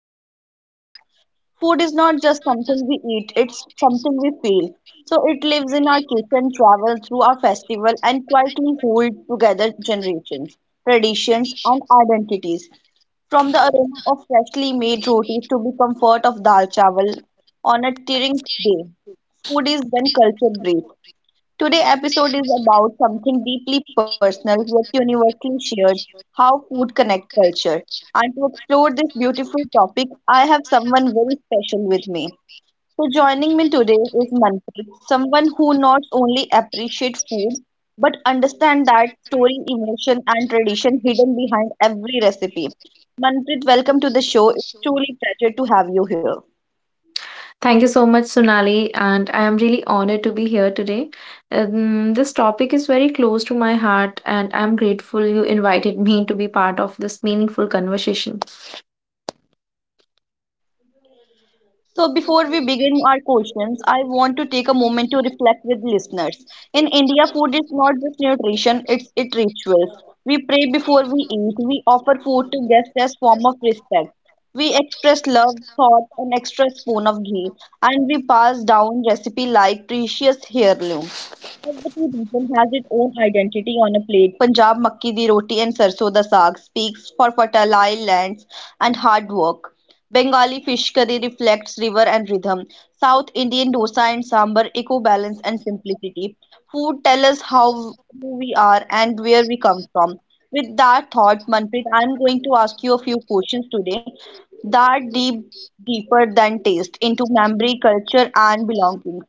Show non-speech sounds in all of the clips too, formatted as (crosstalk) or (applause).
straight with the heart. Food is not just something we eat, it's something we feel. So it lives in our kitchen, travels through our festival, and quietly holds together generations, traditions, and identities. From the aroma of freshly made rotis to the comfort of dal chawal on a tearing day, food is when culture breathes. Today's episode is about something deeply personal yet universally shared, how food connects culture. And to explore this beautiful topic, I have someone very special with me. So, joining me today is Manpreet, someone who not only appreciates food but understands that story, emotion, and tradition hidden behind every recipe. Manpreet, welcome to the show. It's truly a pleasure to have you here. Thank you so much, Sunali, and I am really honored to be here today. This topic is very close to my heart, and I'm grateful you invited me to be part of this meaningful conversation. So, before we begin our questions, I want to take a moment to reflect with listeners. In India, food is not just nutrition, it's it rituals. We pray before we eat, we offer food to guests as form of respect. We express love, thought, an extra spoon of ghee, and we pass down recipe like precious heirloom. Every region has its own identity on a plate. Punjab makki di roti and sarson da saag speaks for fertile lands and hard work. Bengali fish curry reflects river and rhythm. South Indian dosa and sambar echo balance and simplicity. Food tell us how who we are and where we come from. With that thought, Manpreet, I'm going to ask you a few questions today that deeper than taste into memory, culture, and belonging.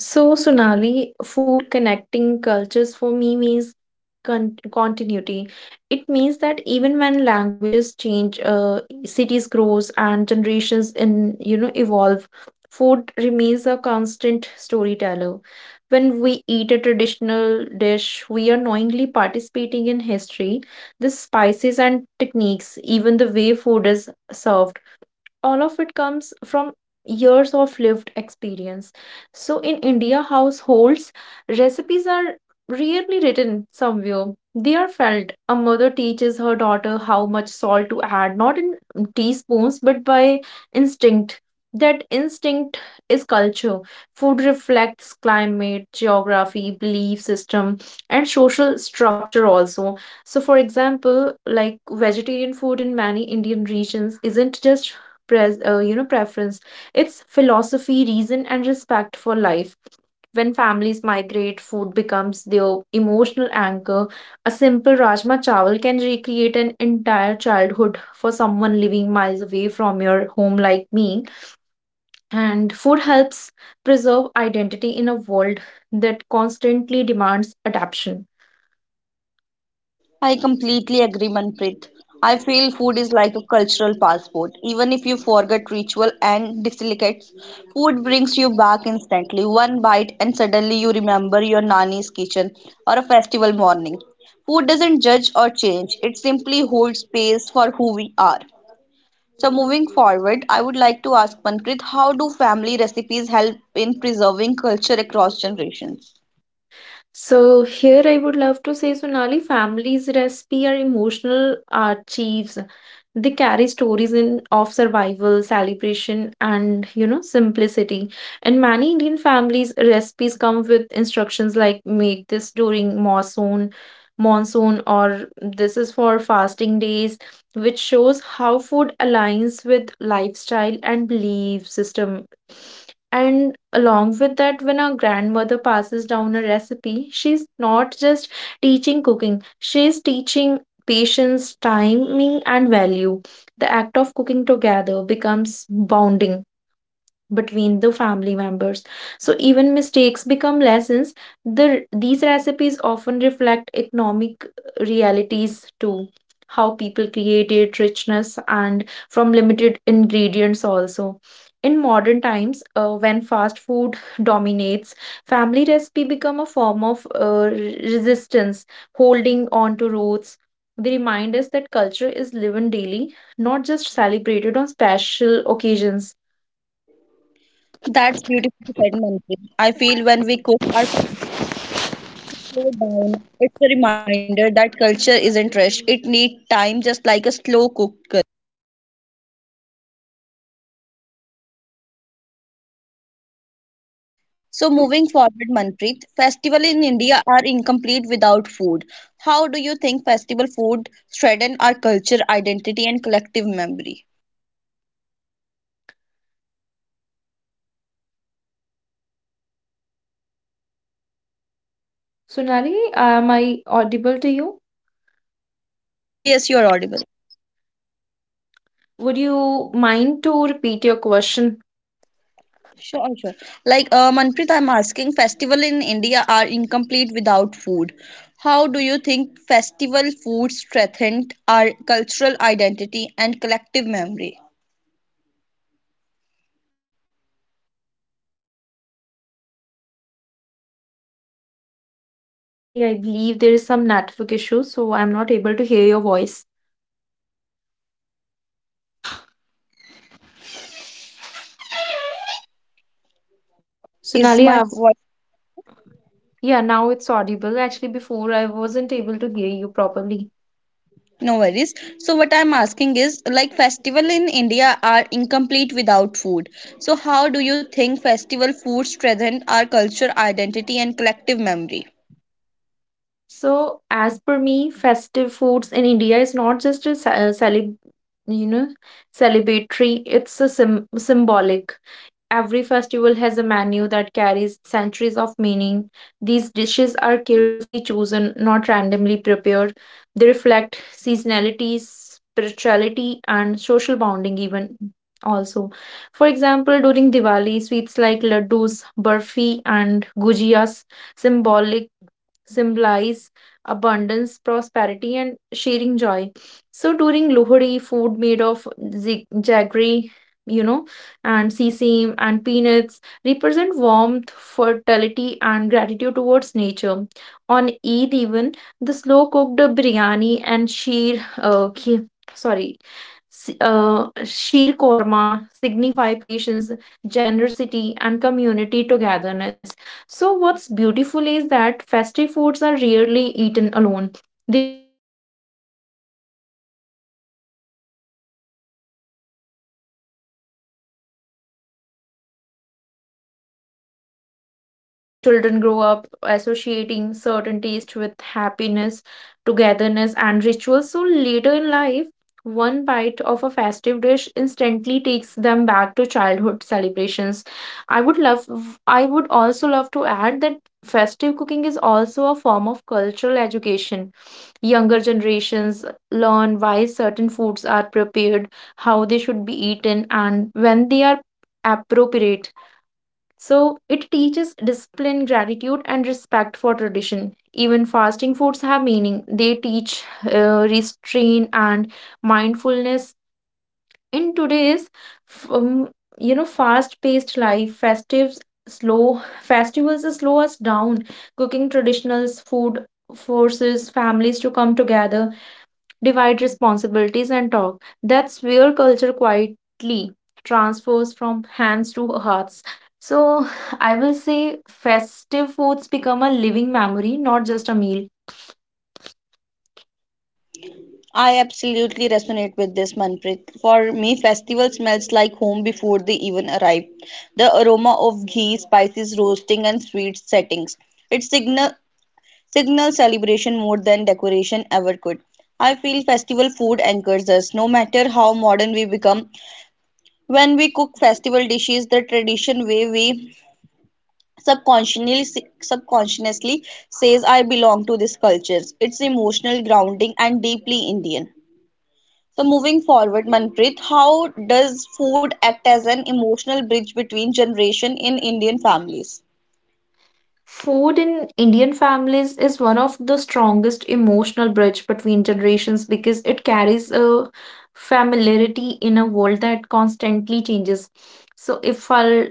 So, Sonali, food connecting cultures for me means continuity. It means that even when languages change, cities grows and generations in evolve, food remains a constant storyteller. When we eat a traditional dish, we are knowingly participating in history, the spices and techniques, even the way food is served. All of it comes from years of lived experience. So in India households, recipes are rarely written somewhere. They are felt. A mother teaches her daughter how much salt to add, not in teaspoons, but by instinct. That instinct is culture. Food reflects climate, geography, belief system, and social structure also. So, for example, like vegetarian food in many Indian regions isn't just preference, it's philosophy, reason, and respect for life. When families migrate, food becomes their emotional anchor. A simple rajma chawal can recreate an entire childhood for someone living miles away from your home like me, and food helps preserve identity in a world that constantly demands adaptation. I completely agree, Manpreet. I feel food is like a cultural passport. Even if you forget ritual and delicacies, food brings you back instantly. One bite, and suddenly you remember your nanny's kitchen or a festival morning. Food doesn't judge or change, it simply holds space for who we are. So, moving forward, I would like to ask Manpreet, how do family recipes help in preserving culture across generations? So here I would love to say, Sonali, families' recipe are emotional archives. They carry stories in of survival, celebration, and simplicity. And many Indian families' recipes come with instructions like make this during monsoon, or this is for fasting days, which shows how food aligns with lifestyle and belief system. And along with that, when our grandmother passes down a recipe, she's not just teaching cooking, she's teaching patience, timing, and value. The act of cooking together becomes bonding between the family members. So even mistakes become lessons. These recipes often reflect economic realities too. How people created richness and from limited ingredients also. In modern times, when fast food dominates, family recipe become a form of resistance, holding on to roots. They remind us that culture is lived daily, not just celebrated on special occasions. That's beautifully said, Manpreet. I feel when we cook our slow down, it's a reminder that culture isn't rushed. It needs time, just like a slow cooker. Sonali, am I audible to So, you? moving forward, Manpreet, festivals in India are incomplete without food. How do you think festival food strengthen our culture, identity, and collective memory? Sonali, am I audible to you? Yes, you are audible. Would you mind to repeat your question? Sure, sure. Like Manpreet, I'm asking, festival in India are incomplete without food. How do you think festival food strengthened our cultural identity and collective memory? Sonali, actually, I believe there is some network issue, so I'm not able to hear your voice. Is Sonali, I my? yeah, now it's audible. Actually, before I wasn't able to hear you properly. No worries. So what I'm asking is, like, festival in India are incomplete without food. So how do you think festival food strengthen our culture, identity, and collective memory? So, as per me, festive foods in India is not just a you know, celebratory, it's a sim symbolic. Every festival has a menu that carries centuries of meaning. These dishes are carefully chosen, not randomly prepared. They reflect seasonality, spirituality, and social bonding, even also. For example, during Diwali, sweets like laddus, burfi, and gujias symbolic symbolize abundance, prosperity, and sharing joy. So during Lohri, food made of jaggery, you know, and sesame and peanuts represent warmth, fertility, and gratitude towards nature. On Eid, even the slow cooked biryani and sorry, sheer korma signify patience, generosity, and community togetherness. So, what's beautiful is that festive foods are rarely eaten alone. They are cooked in large quantities, shared with neighbors, relatives, and even strangers. The act of sharing strengthens social harmony. So, children grow up associating certain taste with happiness, togetherness, and rituals. So, later in life, one bite of a festive dish instantly takes them back to childhood celebrations. I would love, I would also love to add that festive cooking is also a form of cultural education. Younger generations learn why certain foods are prepared, how they should be eaten, and when they are appropriate. So it teaches discipline, gratitude, and respect for tradition. Even fasting foods have meaning. They teach restraint and mindfulness. In today's, f- um, fast-paced life, festives slow festivals slow us down. Cooking traditional food forces families to come together, divide responsibilities, and talk. That's where culture quietly transfers from hands to hearts. So, (sighs) I will say festive foods become a living memory, not just a meal. I absolutely resonate with this, Manpreet. For me, festival smells like home before they even arrive. The aroma of ghee, spices roasting and sweet settings. It signals celebration more than decoration ever could. I feel festival food anchors us. No matter how modern we become, when we cook festival dishes the tradition way, we subconsciously subconsciously says I belong to this culture. It's emotional grounding and deeply Indian. So moving forward, Manpreet, how does food act as an emotional bridge between generation in Indian families? Food in Indian families is one of the strongest emotional bridge between generations because it carries a familiarity in a world that constantly changes. So if I'll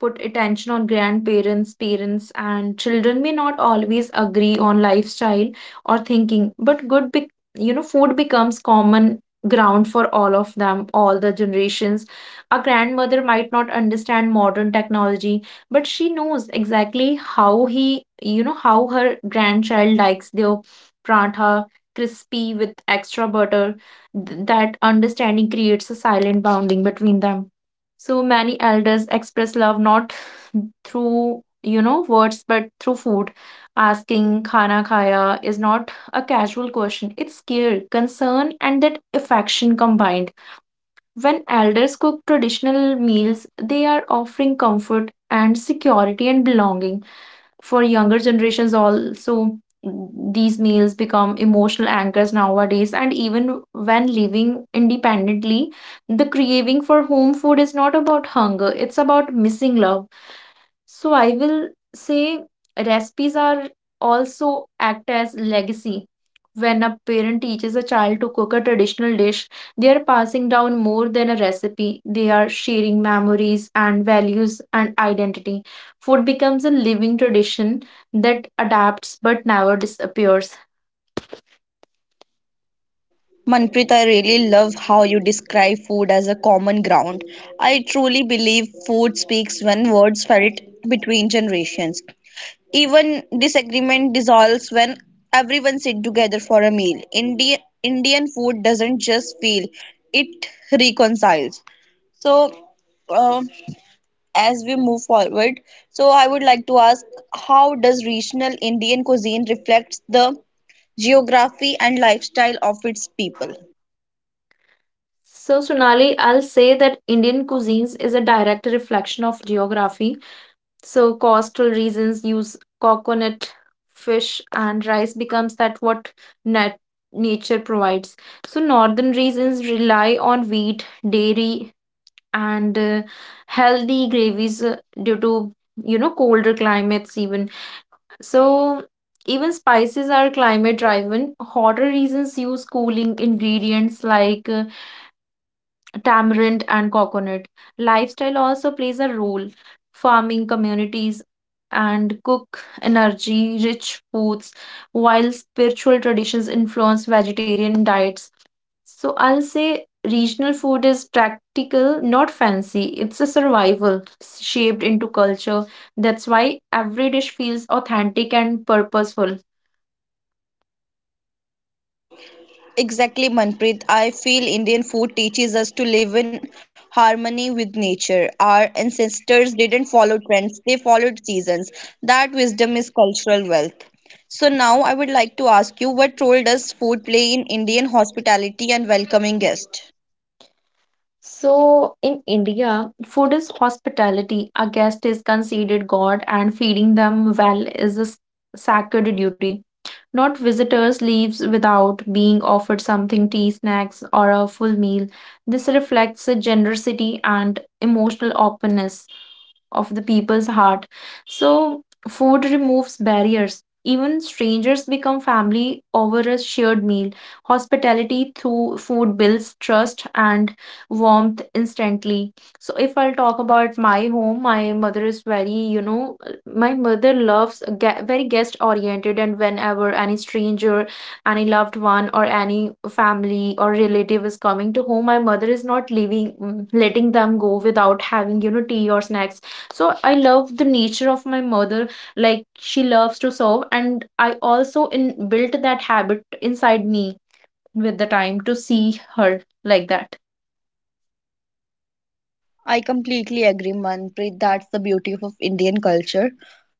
put attention on grandparents, parents, and children may not always agree on lifestyle or thinking, but good, be- you know, food becomes common ground for all of them, all the generations. A grandmother might not understand modern technology, but she knows exactly how he, you know, how her grandchild likes their prantha crispy with extra butter. That understanding creates a silent bonding between them. So many elders express love not through, words, but through food. Asking khana khaya is not a casual question. It's care, concern, and that affection combined. When elders cook traditional meals, they are offering comfort and security and belonging for younger generations also. These meals become emotional anchors nowadays, and even when living independently, the craving for home food is not about hunger, it's about missing love. So I will say recipes are also act as legacy. When a parent teaches a child to cook a traditional dish, they are passing down more than a recipe. They are sharing memories and values and identity. Food becomes a living tradition that adapts but never disappears. Manpreet, I really love how you describe food as a common ground. I truly believe food speaks when words felt between generations. Even disagreement dissolves when everyone sits together for a meal. Indian food doesn't just feel; it reconciles. So, uh, as we move forward, so I would like to ask, how does regional Indian cuisine reflects the geography and lifestyle of its people? So, Sonali, I'll say that Indian cuisines is a direct reflection of geography. So coastal regions use coconut, fish, and rice becomes that what nat- nature provides. So northern regions rely on wheat, dairy, and healthy gravies, due to colder climates even. So even spices are climate driven. Hotter regions use cooling ingredients like tamarind and coconut. Lifestyle also plays a role. Farming communities and cook energy rich foods, while spiritual traditions influence vegetarian diets. So I'll say regional food is practical, not fancy. It's a survival shaped into culture. That's why every dish feels authentic and purposeful. Exactly, Manpreet. I feel Indian food teaches us to live in harmony with nature. Our ancestors didn't follow trends, they followed seasons. That wisdom is cultural wealth. So, now I would like to ask you, what role does food play in Indian hospitality and welcoming guests? So in India, food is hospitality. A guest is considered God, and feeding them well is a sacred duty. Not visitors leaves without being offered something, tea, snacks, or a full meal. This reflects a generosity and emotional openness of the people's heart. So, food removes barriers. Even strangers become family over a shared meal. Hospitality through food builds trust and warmth instantly. So, if I'll talk about my home, my mother loves very guest oriented, and whenever any stranger, any loved one, or any family or relative is coming to home, my mother is not leaving, letting them go without having, tea or snacks. So I love the nature of my mother, like she loves to serve, and I also in built that habit inside me with the time to see her like that. I completely agree, Manpreet. That's the beauty of Indian culture.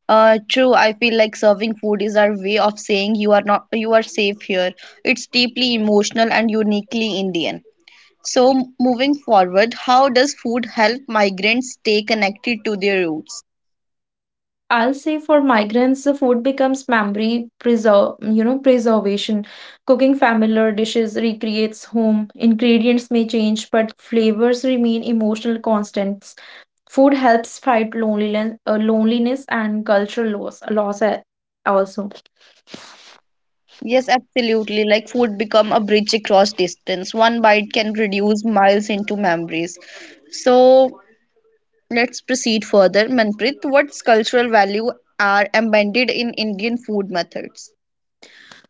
True, I feel like serving food is our way of saying you are not you are safe here. It's deeply emotional and uniquely Indian. So, moving forward, how does food help migrants stay connected to their roots? I'll say for migrants, the food becomes memory preservation. Cooking familiar dishes recreates home. Ingredients may change, but flavors remain emotional constants. Food helps fight loneliness and cultural loss also. Yes, absolutely. Like food become a bridge across distance. One bite can reduce miles into memories. So, let's proceed further. Manpreet, what cultural value are embedded in Indian food methods?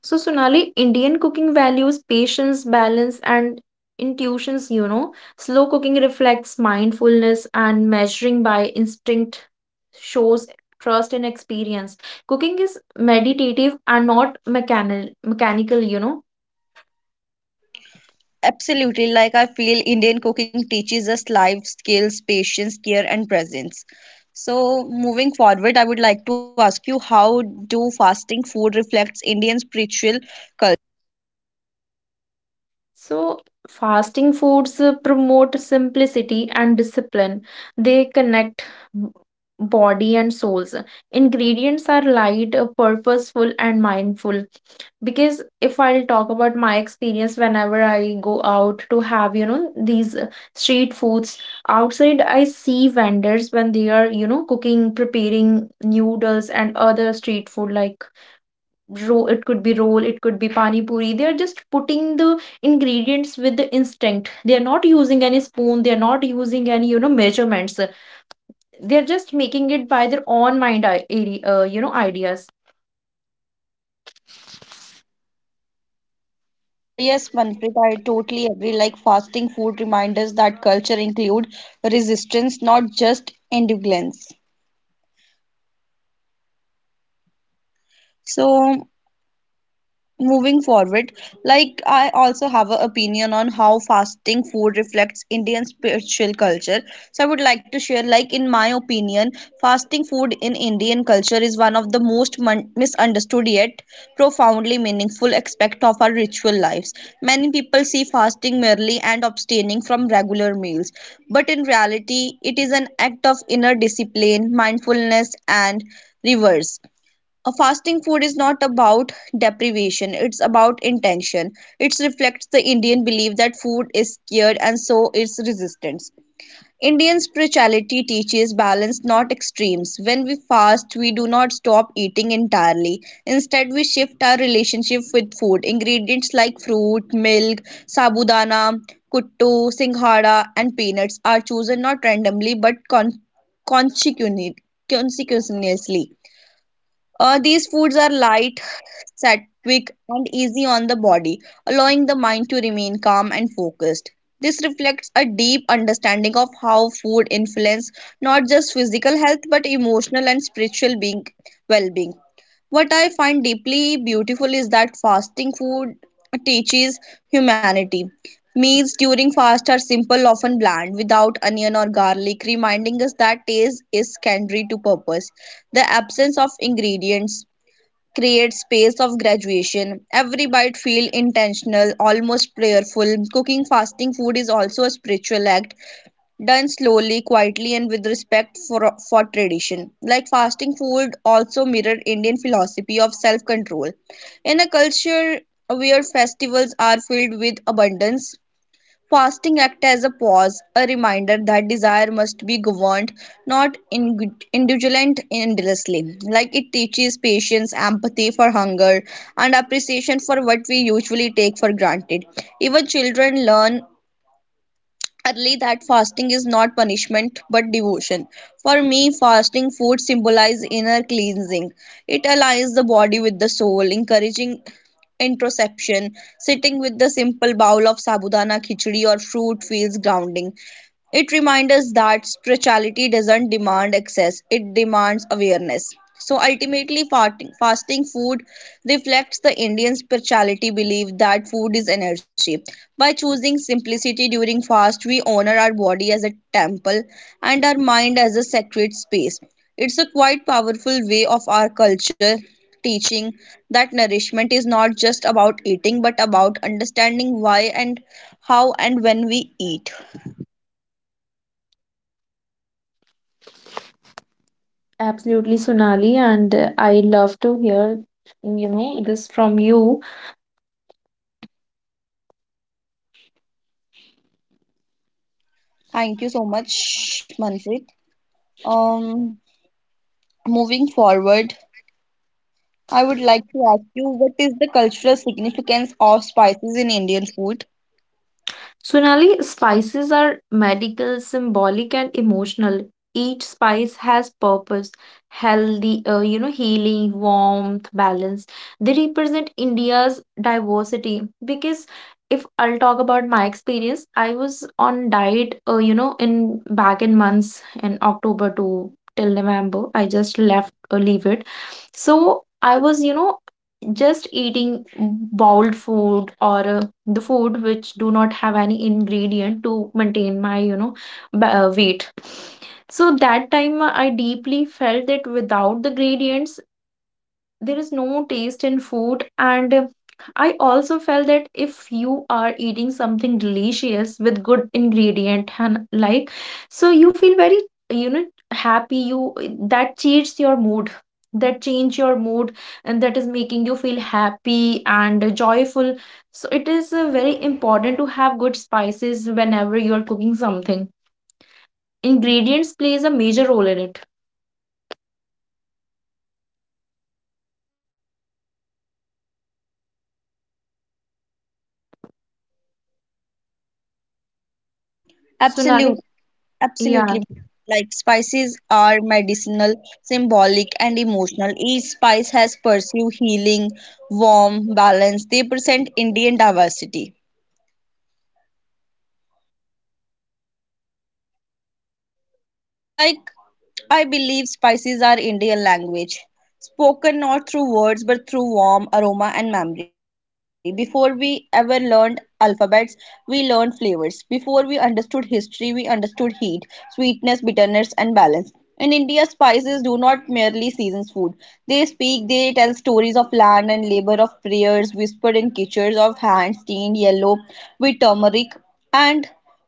So, Sonali, Indian cooking values patience, balance, and intuitions. Slow cooking reflects mindfulness, and measuring by instinct shows trust and experience. Cooking is meditative and not mechanical. Absolutely. Like I feel Indian cooking teaches us life skills, patience, care, and presence. So, moving forward, I would like to ask you, how do fasting food reflects Indian spiritual culture? So, fasting foods promote simplicity and discipline. They connect b- body and souls. Ingredients are light, purposeful, and mindful. Because if I'll talk about my experience, whenever I go out to have, these street foods outside, I see vendors when they are, cooking, preparing noodles and other street food like roll, it could be roll, it could be pani puri. They are just putting the ingredients with the instinct. They are not using any spoon, they are not using any, measurements. They are just making it by their own mind, ideas. Yes, Manpreet, I totally agree. Like fasting food reminds us that culture include resistance, not just endurance. So, moving forward, like, I also have an opinion on how fasting food reflects Indian spiritual culture, so I would like to share. Like, in my opinion, fasting food in Indian culture is one of the most misunderstood yet profoundly meaningful aspect of our ritual lives. Many people see fasting merely and abstaining from regular meals, but in reality it is an act of inner discipline, mindfulness, and reverse. A fasting food is not about deprivation, it's about intention. It reflects the Indian belief that food is scared and so is resistance. Indian spirituality teaches balance, not extremes. When we fast, we do not stop eating entirely. Instead, we shift our relationship with food. Ingredients like fruit, milk, sabudana, kuttu, singhara, and peanuts are chosen not randomly but consecutively. These foods are light, satisfying, and easy on the body, allowing the mind to remain calm and focused. This reflects a deep understanding of how food influences not just physical health but emotional and spiritual being, well-being. What I find deeply beautiful is that fasting food teaches humanity. Meals during fast are simple, often bland, without onion or garlic, reminding us that taste is secondary to purpose. The absence of ingredients create space of graduation. Every bite feel intentional, almost prayerful. Cooking fasting food is also a spiritual act, done slowly, quietly, and with respect for tradition. Like fasting food also mirrored Indian philosophy of self-control. In a culture where festivals are filled with abundance, fasting acts as a pause, a reminder that desire must be governed, not indulged endlessly. Like it teaches patience, empathy for hunger, and appreciation for what we usually take for granted. Even children learn early that fasting is not punishment but devotion. For me, fasting food symbolizes inner cleansing. It aligns the body with the soul, encouraging introspection. Sitting with the simple bowl of sabudana khichdi or fruit feels grounding. It reminds us that spirituality doesn't demand access, it demands awareness. So ultimately, fasting food reflects the Indian spirituality belief that food is energy. By choosing simplicity during fast, we honor our body as a temple and our mind as a sacred space. It's a quite powerful way of our culture teaching that nourishment is not just about eating but about understanding why and how and when we eat. Absolutely, Sonali, and I love to hear, this from you. Thank you so much, Manpreet. Um, Moving forward, I would like to ask you, what is the cultural significance of spices in Indian food? Sonali, spices are medical, symbolic, and emotional. Each spice has purpose, healthy, healing, warmth, balance. They represent India's diversity, because if I'll talk about my experience, I was on diet, in back in months in October to till November. I just left, leave it. So I was, just eating boiled food or the food which do not have any ingredient to maintain my weight. So that time I deeply felt that without the gradients there is no taste in food, and I also felt that if you are eating something delicious with good ingredient and like, so you feel very you know happy, you that changes your mood that change your mood, and that is making you feel happy and joyful. So it is very important to have good spices whenever you are cooking something, ingredients plays a major role in it, Sonali. Absolute, Yeah, Absolutely. Like spices are medicinal, symbolic, and emotional. Each spice has pursue healing, warm, balance. They present Indian diversity. Like, I believe spices are Indian language, spoken not through words but through warmth, aroma, and memory. Before we ever learned alphabets, we learned flavors. Before we understood history, we understood heat, sweetness, bitterness, and balance. In India, spices do not merely season food. They speak, they tell stories of land and labor, of prayers whispered in kitchens, of hands stained yellow with turmeric, and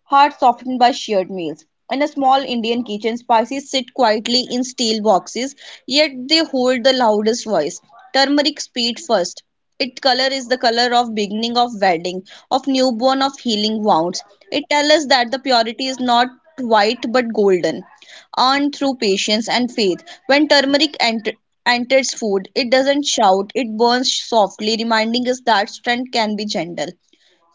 hard softened by shared meals. In a small Indian kitchen, spices sit quietly in steel boxes, yet they hold the loudest voice. Turmeric speed first. Its color is the color of beginning of wedding, of newborn, of healing wounds. It tells us that the purity is not white but golden, earned through patience and faith. When enters food, it doesn't shout, it burns softly, reminding us that strength can be gentle.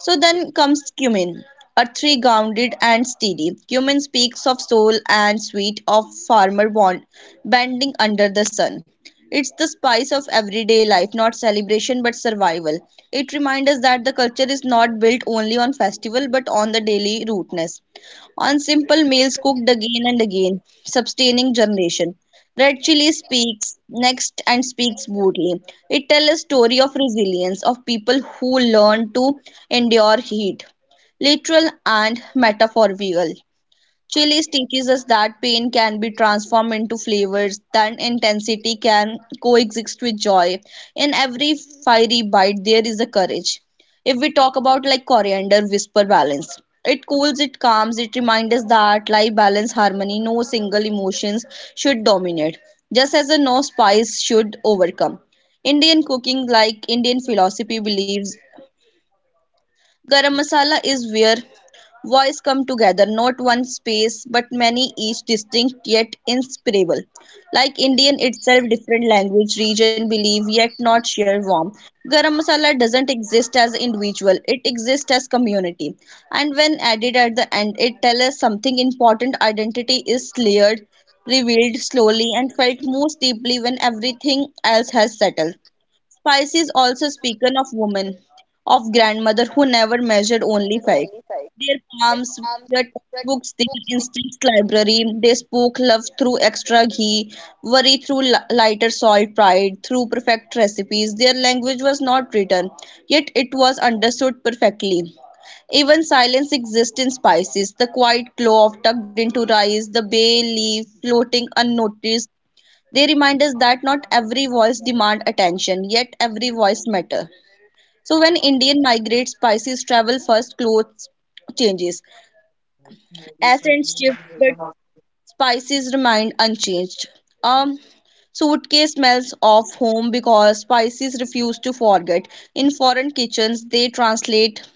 So then comes cumin, a grounded and steady. Cumin speaks of soul and sweet of farmer bending under the sun. It's the spice of everyday life, not celebration but survival. It reminds us that the culture is not built only on festival but on the daily rootness, on simple meals cooked again and again, sustaining generation. Red Chilli speaks next and speaks boldly. It tells a story of resilience, of people who learn to endure heat, literal and metaphorical. Chilies teaches us that pain can be transformed into flavors, that intensity can coexist with joy. In every fiery bite, there is a courage. If we talk about like coriander, whisper balance. It cools, it calms, it reminds us that life balance harmony, no single emotions should dominate, just as a no spice should overcome. Indian cooking, like Indian philosophy, believes Garam masala is where voices come together, not one space but many, each distinct yet inseparable. Like Indian itself, different language, region, belief, yet not share warm. Garam masala doesn't exist as individual; it exists as community. And when added at the end, it tells us something important. Identity is layered, revealed slowly, and felt most deeply when everything else has settled. Spice is also spoken of women, of grandmother who never measured, only felt. Their palms were textbooks, their instincts library. They spoke love through extra ghee, worry through lighter salt, pride through perfect recipes. Their language was not written, yet it was understood perfectly. Even silence exists in spices. The quiet am clove I tucked audible into to you, rice, the Sonali? bay leaf floating unnoticed, they remind us that not every voice demand attention, yet every voice matter. So when Indian migrate spices travel first, clothes changes, accents shift, but spices remain unchanged. Um, Suitcase smells of home because spices refuse to forget. In foreign kitchens, they translate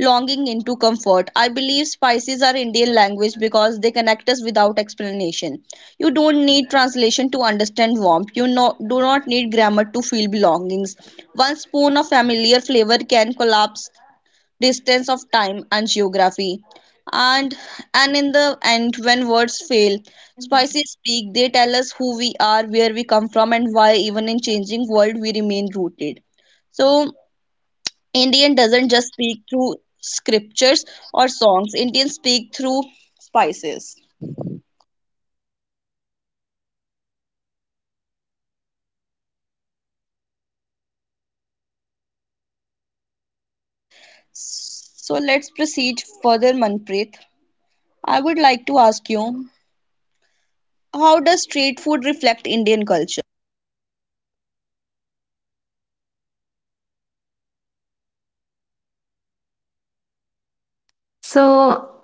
longing into comfort. I believe spices are Indian language because they connect us without explanation. You don't need translation to understand warmth. You no, Do not need grammar to feel belongings. One spoon of familiar flavor can collapse distance of time and geography. And and in the end, when words fail, spices speak. They tell us who we are, where we come from, and why. Even in changing world, we remain rooted. So Indian doesn't just speak through scriptures or songs. Indians speak through spices. So let's proceed further, Manpreet. I would like to ask you, how does street food reflect Indian culture? So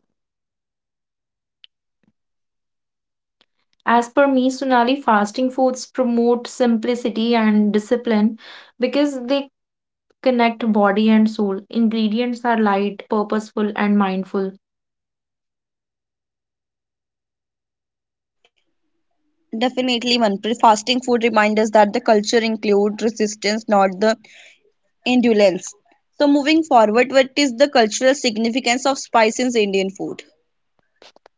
as per me, Sunali fasting foods promote simplicity and discipline because they connect body and soul. Ingredients are light, purposeful, and mindful. Definitely, Manpreet. Fasting food reminds us that the culture includes resistance, not the indulgence. So moving forward, what is the cultural significance of spices in Indian food?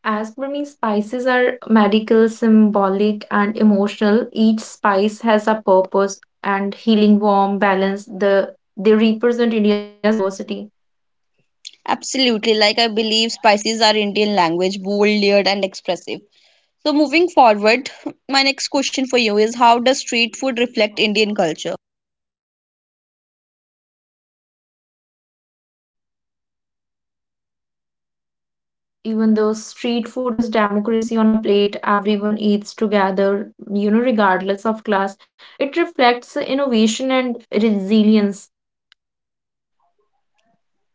As per me, spices are medical, symbolic, and emotional. Each spice has a purpose and healing, warm, balance. They represent India's diversity. Absolutely, like I believe spices are Indian language, bold, layered, and expressive. So moving forward, my next question for you is how does street food reflect Indian culture? Even though street food is democracy on a plate, everyone eats together, regardless of class. It reflects innovation and resilience.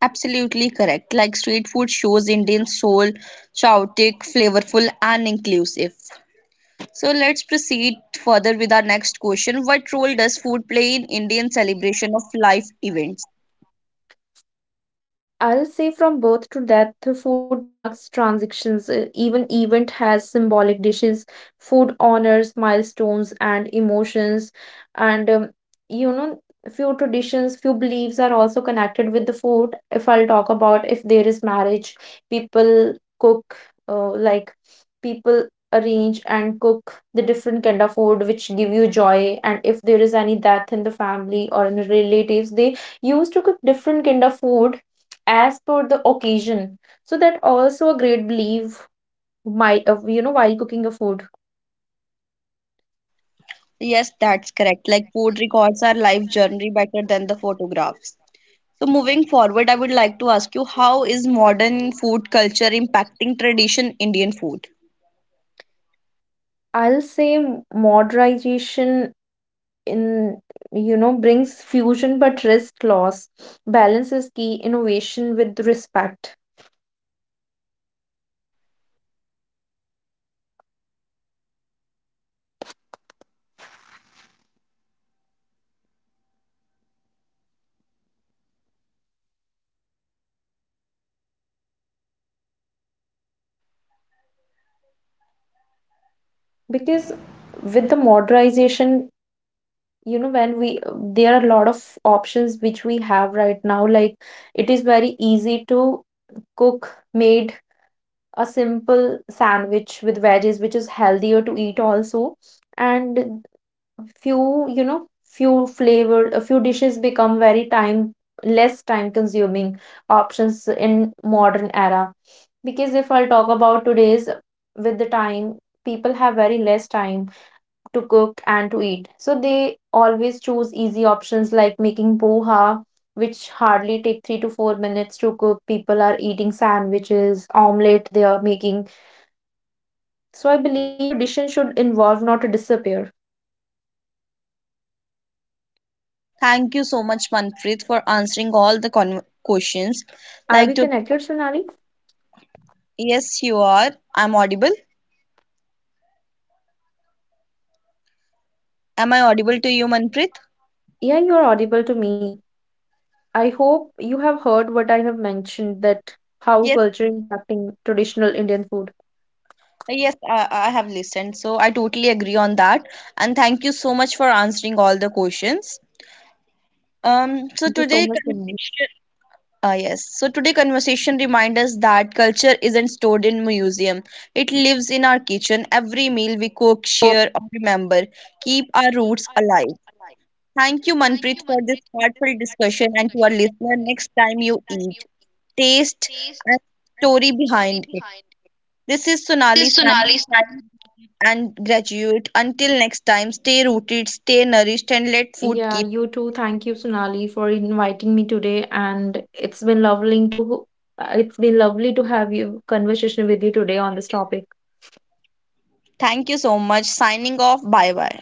Absolutely correct. Like street food shows Indian soul, chaotic, flavorful, and inclusive. So let's proceed further with our next question. What role does food play in Indian celebration of life events? I'll say from birth to death, the food marks transitions. Even event has symbolic dishes. Food honors milestones and emotions. And you know, few traditions, few beliefs are also connected with the food. If I'll talk about if there is marriage, people cook, like people arrange and cook the different kind of food which give you joy. And if there is any death in the family or in the relatives, they used to cook different kind of food as per the occasion. So that also a great belief my while cooking a food. Yes, that's correct. Like food records our life journey better than the photographs. So moving forward, I would like to ask you how is modern food culture impacting tradition Indian food? I'll say modernization in you know brings fusion but risk loss. Balance is key innovation with respect because with the modernization when we there are a lot of options which we have right now, like it is very easy to cook made a simple sandwich with veggies, which is healthier to eat also. And few, you know, few flavor, a few dishes become very time less time consuming options in modern era. Because if I'll talk about today's with the time, people have very less time to cook and to eat. So they always choose easy options like making poha, which hardly take 3 to 4 minutes to cook. People are eating sandwiches, omelette they are making, so I believe tradition should involve, not disappear. Thank you so much, Manpreet, for answering all the con questions. Are Like we to, connected, Sonali? yes, you are. I'm audible. Am I audible to you, Manpreet? Yeah, you're audible to me. I hope you have heard what I have mentioned that how Yes, culture impacting traditional Indian food. yes, I have listened. So I totally agree on that. And thank you so much for answering all the questions. Um, so Thank you today so much, Sonali. conversation, yes. So today conversation reminds us that culture isn't stored in museum. It lives in our kitchen. Every meal we cook, share, or remember keep our roots alive. Thank you, Manpreet, for this heartfelt discussion. And to our listener, next time you eat, taste and story behind it. This is Sonali signing off and graduate. Until next time, stay rooted, stay nourished, and let food Yeah, keep. you too. Thank you, Sonali, for inviting me today, and it's been lovely to have you conversation with you today on this topic. Thank you so much. Signing off. Bye bye.